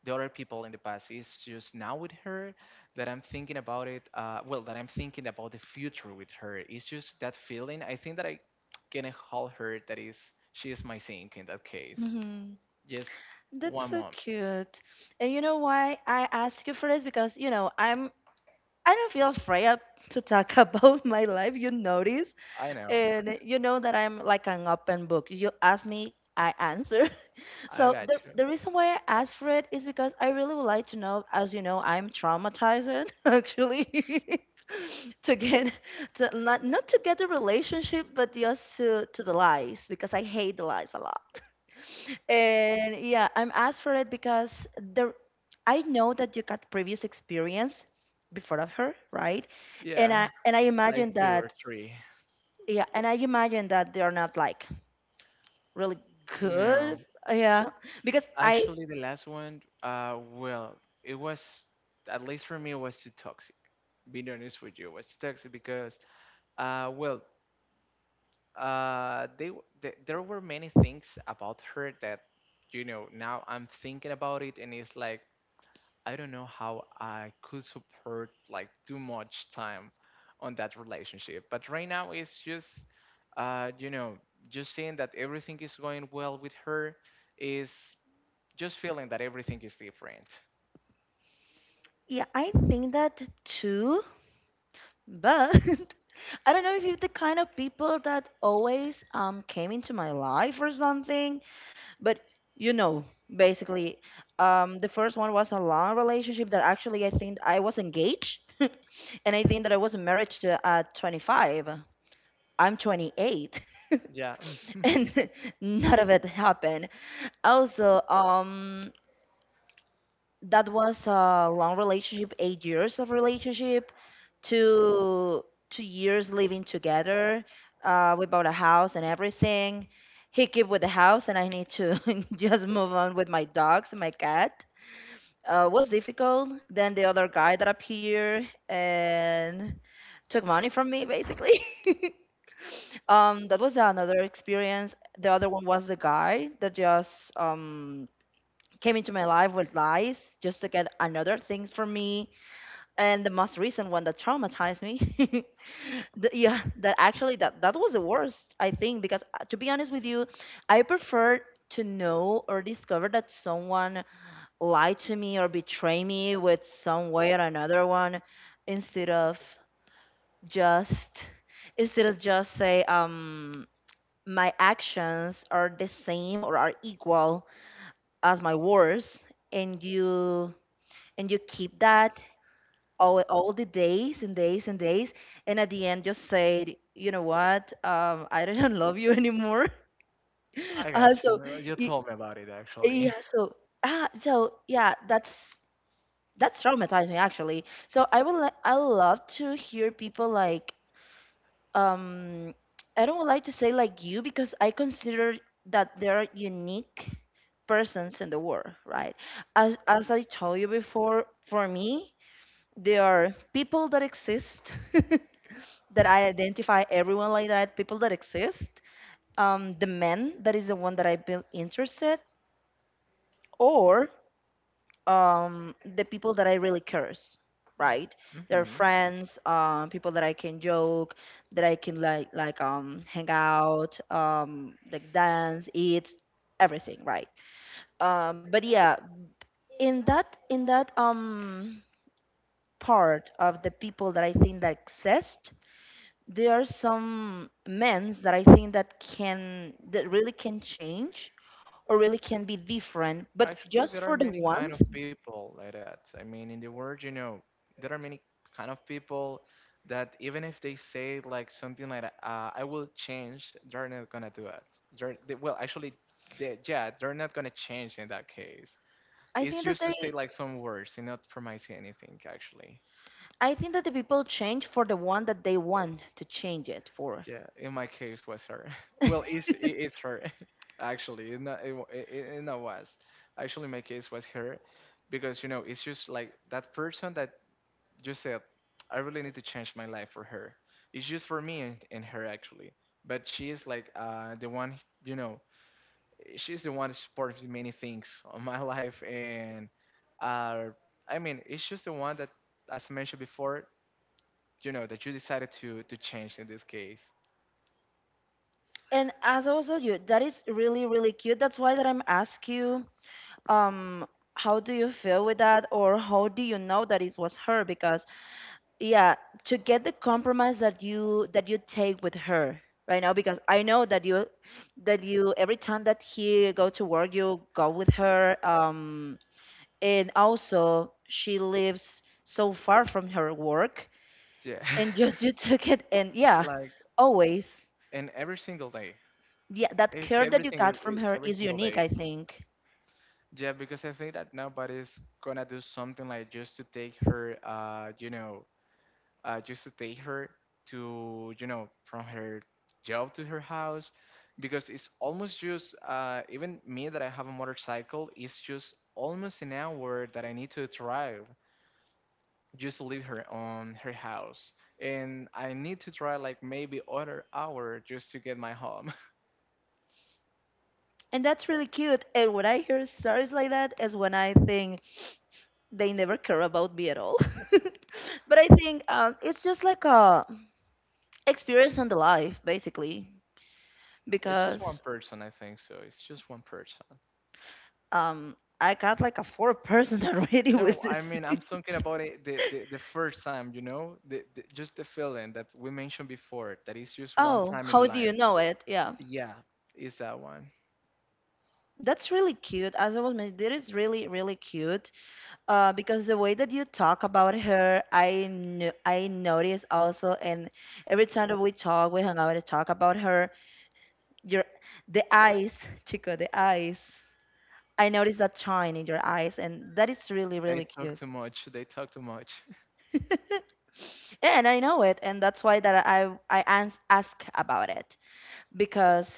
Speaker 2: the other people in the past. It's just now with her that I'm thinking about it. Well, that I'm thinking about the future with her. It's just that feeling. I think that I can hold her. That is, she is my sink in that case.
Speaker 1: Hmm.
Speaker 2: Just
Speaker 1: That's
Speaker 2: one
Speaker 1: so
Speaker 2: moment.
Speaker 1: cute. And you know why I ask you for this? Because, you know, I'm I don't feel afraid to talk <laughs> about my life, you notice.
Speaker 2: I know.
Speaker 1: And you know that I'm like an open book. You ask me, I answer. <laughs>
Speaker 2: I
Speaker 1: So
Speaker 2: got
Speaker 1: the
Speaker 2: you.
Speaker 1: the reason why I asked for it is because I really would like to know, as you know, I'm traumatized <laughs> actually <laughs> to get to not to get the relationship, but just to the lies, because I hate the lies a lot. <laughs> And yeah, I'm asked for it because there, I know that you got previous experience before of her, right? And
Speaker 2: Yeah,
Speaker 1: I and I
Speaker 2: like
Speaker 1: imagine
Speaker 2: two or
Speaker 1: that,
Speaker 2: three.
Speaker 1: yeah, and I imagine that they're not like really
Speaker 2: No.
Speaker 1: good. Yeah, because I,
Speaker 2: Actually, the last one, well, it was, at least for me, it was too toxic. Being honest with you, it was toxic because, well, there were many things about her that, you know, now I'm thinking about it, and it's like I don't know how I could support like too much time on that relationship. But right now it's just, you know, just seeing that everything is going well with her is just feeling that everything is different.
Speaker 1: yeah, I think that too, but <laughs> I don't know if you're the kind of people that always came into my life or something, but you know, basically, the first one was a long relationship that actually I think I was engaged, <laughs> and I think that I was married to at 25. I'm 28. <laughs>
Speaker 2: Yeah, <laughs>
Speaker 1: And <laughs> none of it happened. Also, that was a long relationship, 8 years of relationship, two two years living together. We bought a house and everything. He keep with the house, and I need to <laughs> just move on with my dogs and my cat. Was difficult. Then the other guy that appeared and took money from me, basically. <laughs> Um, that was another experience. The other one was the guy that just came into my life with lies just to get another things from me, and the most recent one that traumatized me <laughs> the, yeah that actually that that was the worst. I think because to be honest with you, I prefer to know or discover that someone lied to me or betrayed me with some way or another one instead of just instead of just say my actions are the same or are equal as my words, and you keep that all the days and days and days, and at the end just say, you know what, I don't <laughs> love you anymore.
Speaker 2: I
Speaker 1: <laughs> Uh,
Speaker 2: got
Speaker 1: so
Speaker 2: you. You
Speaker 1: y-
Speaker 2: told me about it
Speaker 1: yeah
Speaker 2: actually. <laughs>
Speaker 1: so ah, so yeah, that's traumatizing actually. So I would I love to hear people like um I don't like to say like you because I consider that there are unique persons in the world, right? As I told you before, for me there are people that exist <laughs> that I identify everyone like that, people that exist. The men, that is the one that I've been interested, or the people that I really curse, right? They're
Speaker 2: Hmm.
Speaker 1: friends, people that I can joke, that I can like hang out, like dance, eat, everything, right? But yeah, in that part of the people that I think that exist, there are some men's that I think that can that really can change or really can be different. But
Speaker 2: Actually,
Speaker 1: just
Speaker 2: there are
Speaker 1: for the
Speaker 2: many kind of
Speaker 1: want,
Speaker 2: people like that. I mean, in the world, you know, there are many kind of people that even if they say like something like that, "I will change," they're not gonna do it. Well, actually, yeah, they're not gonna change in that case.
Speaker 1: I
Speaker 2: It's
Speaker 1: think that
Speaker 2: just to
Speaker 1: they
Speaker 2: say like some words and not promising anything. Actually,
Speaker 1: I think that the people change for the one that they want to change it for.
Speaker 2: yeah, in my case was her. <laughs> Well,
Speaker 1: <laughs>
Speaker 2: it's her. <laughs> Actually, it not it, wa- it not was. Actually, my case was her because you know it's just like that person that you said, I really need to change my life for her. It's just for me and her actually. But she is like the one, you know, she's the one that supports many things on my <laughs> life. And uh, I mean, it's just the one that, as I mentioned before, you know, that you decided to change in this case.
Speaker 1: And as also you, that is really really cute. That's why that I'm ask you, um, how do you feel with that, or how do you know that it was her? Because yeah, to get the compromise that you take with her right now. Because I know that you, every time that he go to work, you go with her, and also she lives so far from her work,
Speaker 2: Yeah.
Speaker 1: and <laughs> just you took it. And
Speaker 2: <laughs>
Speaker 1: yeah,
Speaker 2: Like,
Speaker 1: always,
Speaker 2: and every single day.
Speaker 1: yeah, that care that you got from
Speaker 2: It's
Speaker 1: her
Speaker 2: every
Speaker 1: is
Speaker 2: single
Speaker 1: unique,
Speaker 2: day.
Speaker 1: I think,
Speaker 2: Yeah, because I think that nobody's gonna do something like just to take her, you know, I used to take her to, you know, from her job to her house because it's almost just, even me that I have a motorcycle, it's just almost an hour that I need to drive just to leave her on her house. And I need to drive like maybe other hour just to get my home. <laughs>
Speaker 1: and that's really cute. And when I hear stories like that is when I think they never care about me at all. <laughs> But I think it's just like a experience on the life, basically,
Speaker 2: It's just one
Speaker 1: because
Speaker 2: person, I think so. It's just one person.
Speaker 1: I got like a four person <laughs> already
Speaker 2: No,
Speaker 1: with this.
Speaker 2: I mean,
Speaker 1: <laughs>
Speaker 2: I'm thinking about it the first time, you know, the, just the feeling that we mentioned before, that it's just one
Speaker 1: Oh,
Speaker 2: time in
Speaker 1: how do you
Speaker 2: life.
Speaker 1: know it? Yeah,
Speaker 2: Yeah, it's that one.
Speaker 1: that's really cute. As I was mentioning, that is really really cute. Because the way that you talk about her, I knew, I noticed also, and every time that we talk, we hang out and talk about her, your the eyes, <laughs> Chico, the eyes. I noticed that shine in your eyes, and that is really,
Speaker 2: They
Speaker 1: really
Speaker 2: talk
Speaker 1: cute.
Speaker 2: too much. They talk too much. <laughs>
Speaker 1: <laughs> Yeah, and I know it, and that's why that ask about it, because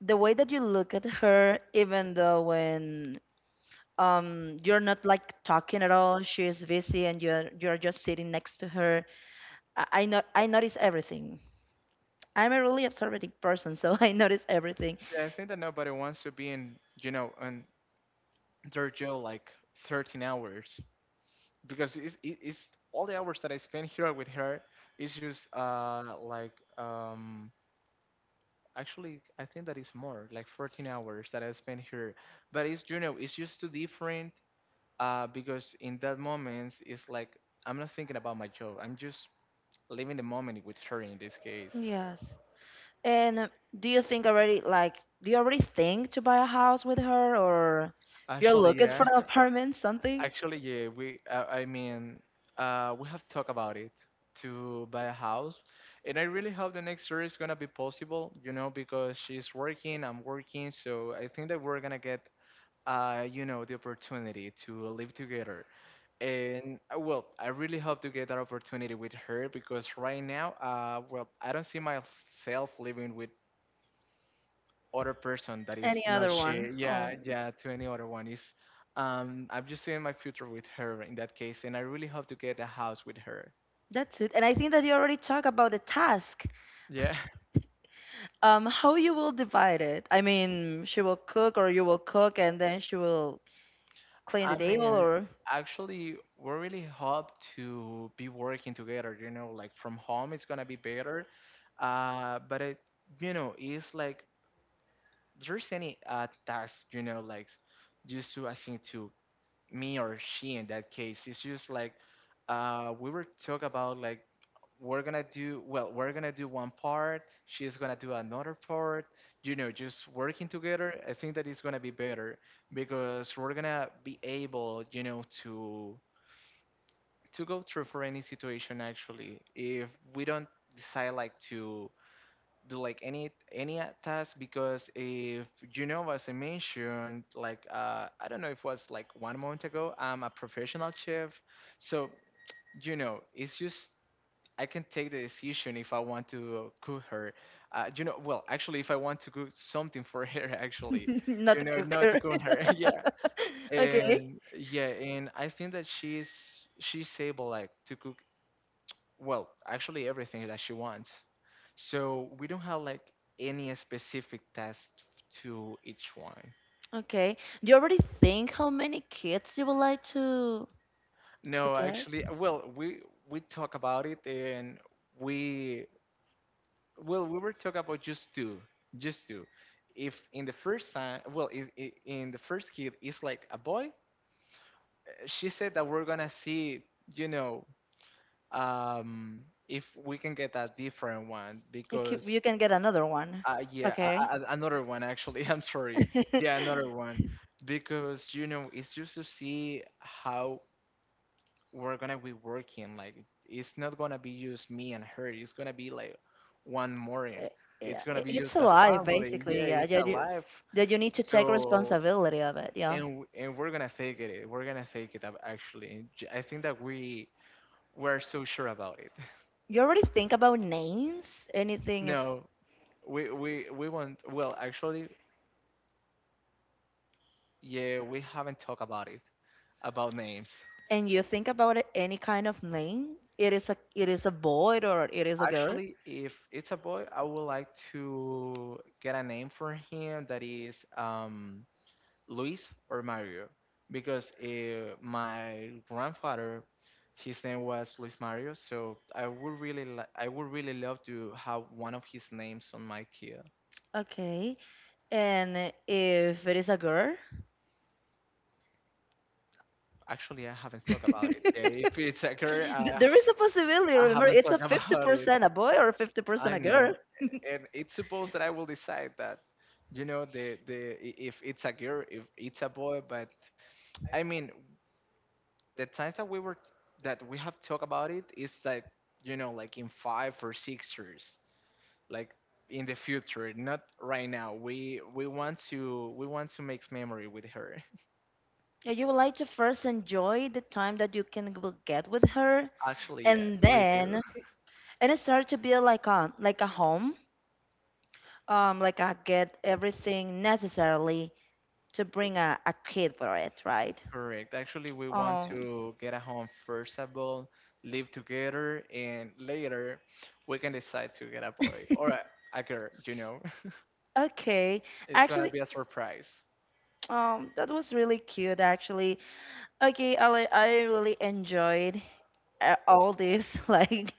Speaker 1: the way that you look at her, even though when you're not like talking at all, she's busy and you're just sitting next to her, I, not, I notice everything. I'm a really observant person, so <laughs> I notice everything.
Speaker 2: Yeah, I think that nobody wants to be in, you know, in their jail like 13 hours because it's all the hours that I spent here with her is just um actually, I think that is more, like 14 hours that I spent here. But it's, you know, it's just too different because in that moment, it's like I'm not thinking about my job. I'm just living the moment with her in this case.
Speaker 1: Yes. And do you think already, like, do you already think to buy a house with her, or you're
Speaker 2: Actually,
Speaker 1: looking
Speaker 2: yeah.
Speaker 1: for an apartment, something?
Speaker 2: Actually, yeah. We have talked about it to buy a house, and I really hope the next year is gonna be possible. You know, because she's working, I'm working, so I think that we're gonna get, you know, the opportunity to live together. And well, I really hope to get that opportunity with her because right now, well, I don't see myself living with other person that is
Speaker 1: Any
Speaker 2: not
Speaker 1: other one?
Speaker 2: she. Yeah,
Speaker 1: Oh,
Speaker 2: yeah, to any other one is. I'm just seeing my future with her in that case, and I really hope to get a house with her.
Speaker 1: that's it. And I think that you already talked about the task.
Speaker 2: Yeah,
Speaker 1: How you will divide it? I mean, she will cook, or you will cook, and then she will
Speaker 2: <laughs>
Speaker 1: clean the
Speaker 2: I
Speaker 1: table,
Speaker 2: mean,
Speaker 1: or
Speaker 2: actually, we really hope to be working together. Like from home, it's gonna be better. But it's like there's any task, like just to assign to me or she in that case. It's just like we were talk about like we're gonna do one part, she's gonna do another part, just working together. I think that it's is gonna be better because we're gonna be able, to go through for any situation actually if we don't decide like to do like any task because if as I mentioned, like, I don't know if it was like 1 month ago. I'm a professional chef, so it's just I can take the decision if I want to cook her, well actually if I want to cook something <laughs> for her, actually,
Speaker 1: <laughs> not a
Speaker 2: not to
Speaker 1: cooker.
Speaker 2: cook her. <laughs> Yeah,
Speaker 1: <laughs> Okay.
Speaker 2: and yeah, and I think that she's able like to cook, well, actually everything that she wants. So we don't have like any specific test to each one.
Speaker 1: Okay. Do you already think how many kids you would like to
Speaker 2: No,
Speaker 1: get?
Speaker 2: actually, well, we talk about it, and we we were talking about just two, just two. If in the first time, well, I in the first kid is like a boy, she said that we're gonna see, you know, um, if we can get a different one because,
Speaker 1: You can get another one.
Speaker 2: Yeah, a-
Speaker 1: Okay.
Speaker 2: a- a- another one actually. <laughs> I'm sorry. Yeah, another
Speaker 1: <laughs> Uh,
Speaker 2: one because it's just to see how we're gonna be working. Like, it's not gonna be just me and her. It's gonna be like one more. It's
Speaker 1: yeah,
Speaker 2: gonna be
Speaker 1: it's
Speaker 2: just
Speaker 1: a
Speaker 2: a
Speaker 1: lie,
Speaker 2: family. Yeah,
Speaker 1: basically. Yeah,
Speaker 2: it's a
Speaker 1: that
Speaker 2: life.
Speaker 1: you need to take
Speaker 2: So
Speaker 1: responsibility of it. Yeah.
Speaker 2: and we're gonna fake it. We're gonna fake it up actually. And I think that we're so sure about it. <laughs>
Speaker 1: You already think about names? Anything is.
Speaker 2: No, we want. Well, actually, yeah, we haven't talked about it, about names.
Speaker 1: And you think about it, any kind of name, it is a boy or it is a girl.
Speaker 2: Actually, if it's a boy, I would like to get a name for him that is, Luis or Mario, because my grandfather, his name was Luis Mario. So I would really love to have one of his names on my kid.
Speaker 1: Okay. And if it is a girl,
Speaker 2: Actually, I haven't
Speaker 1: <laughs>
Speaker 2: thought about it. Yeah,
Speaker 1: th-
Speaker 2: if it's a girl, I,
Speaker 1: there is a possibility.
Speaker 2: I
Speaker 1: Remember,
Speaker 2: haven't
Speaker 1: it's
Speaker 2: thought
Speaker 1: a
Speaker 2: <laughs> about it.
Speaker 1: 50% a boy or
Speaker 2: I
Speaker 1: 50% a girl.
Speaker 2: know,
Speaker 1: <laughs>
Speaker 2: and it's supposed that I will decide that, if it's a girl, if it's a boy. But I mean, the times that that we have talked about it is like, like in 5 or 6 years, like in the future, not right now. We want to make memory with her.
Speaker 1: Yeah, you would like to first enjoy the time that you can will get with her,
Speaker 2: <laughs> Actually, yeah,
Speaker 1: and
Speaker 2: we do.
Speaker 1: then and it start to be like a home, like I get everything necessarily to bring a kid for it, right?
Speaker 2: Correct. Actually, we want
Speaker 1: Um,
Speaker 2: to get a home first of all, live together, and later we can decide to get a boy or
Speaker 1: <laughs>
Speaker 2: a girl. <laughs>
Speaker 1: okay.
Speaker 2: It's gonna
Speaker 1: Actually,
Speaker 2: be a surprise.
Speaker 1: that was really cute. Actually, okay, I really enjoyed all this <laughs> like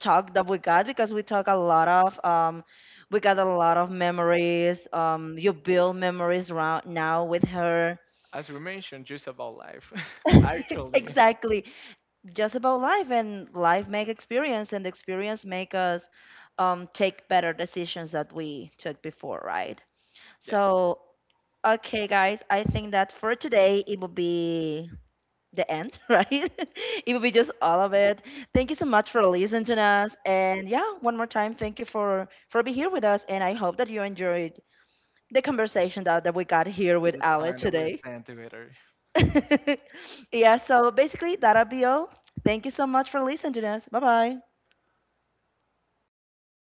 Speaker 1: talk that we got, because we talk a lot of we got a lot of memories, you build memories around now with her
Speaker 2: As we mentioned, just about life. <laughs>
Speaker 1: <laughs>
Speaker 2: Actually,
Speaker 1: exactly, just about life, and life make experience, and experience make us take better decisions that we took before, right?
Speaker 2: yeah,
Speaker 1: So okay guys, I think that for today it will be the end. <laughs> Right, it will be just all of it. Thank you so much for listening to us, and yeah, one more time, thank you for being here with us, and I hope that you enjoyed the conversation that we got here with
Speaker 2: the
Speaker 1: Ali
Speaker 2: time that we
Speaker 1: today.
Speaker 2: spend together.
Speaker 1: <laughs> Yeah, so basically that'll be all. Thank you so much for listening to us. Bye bye.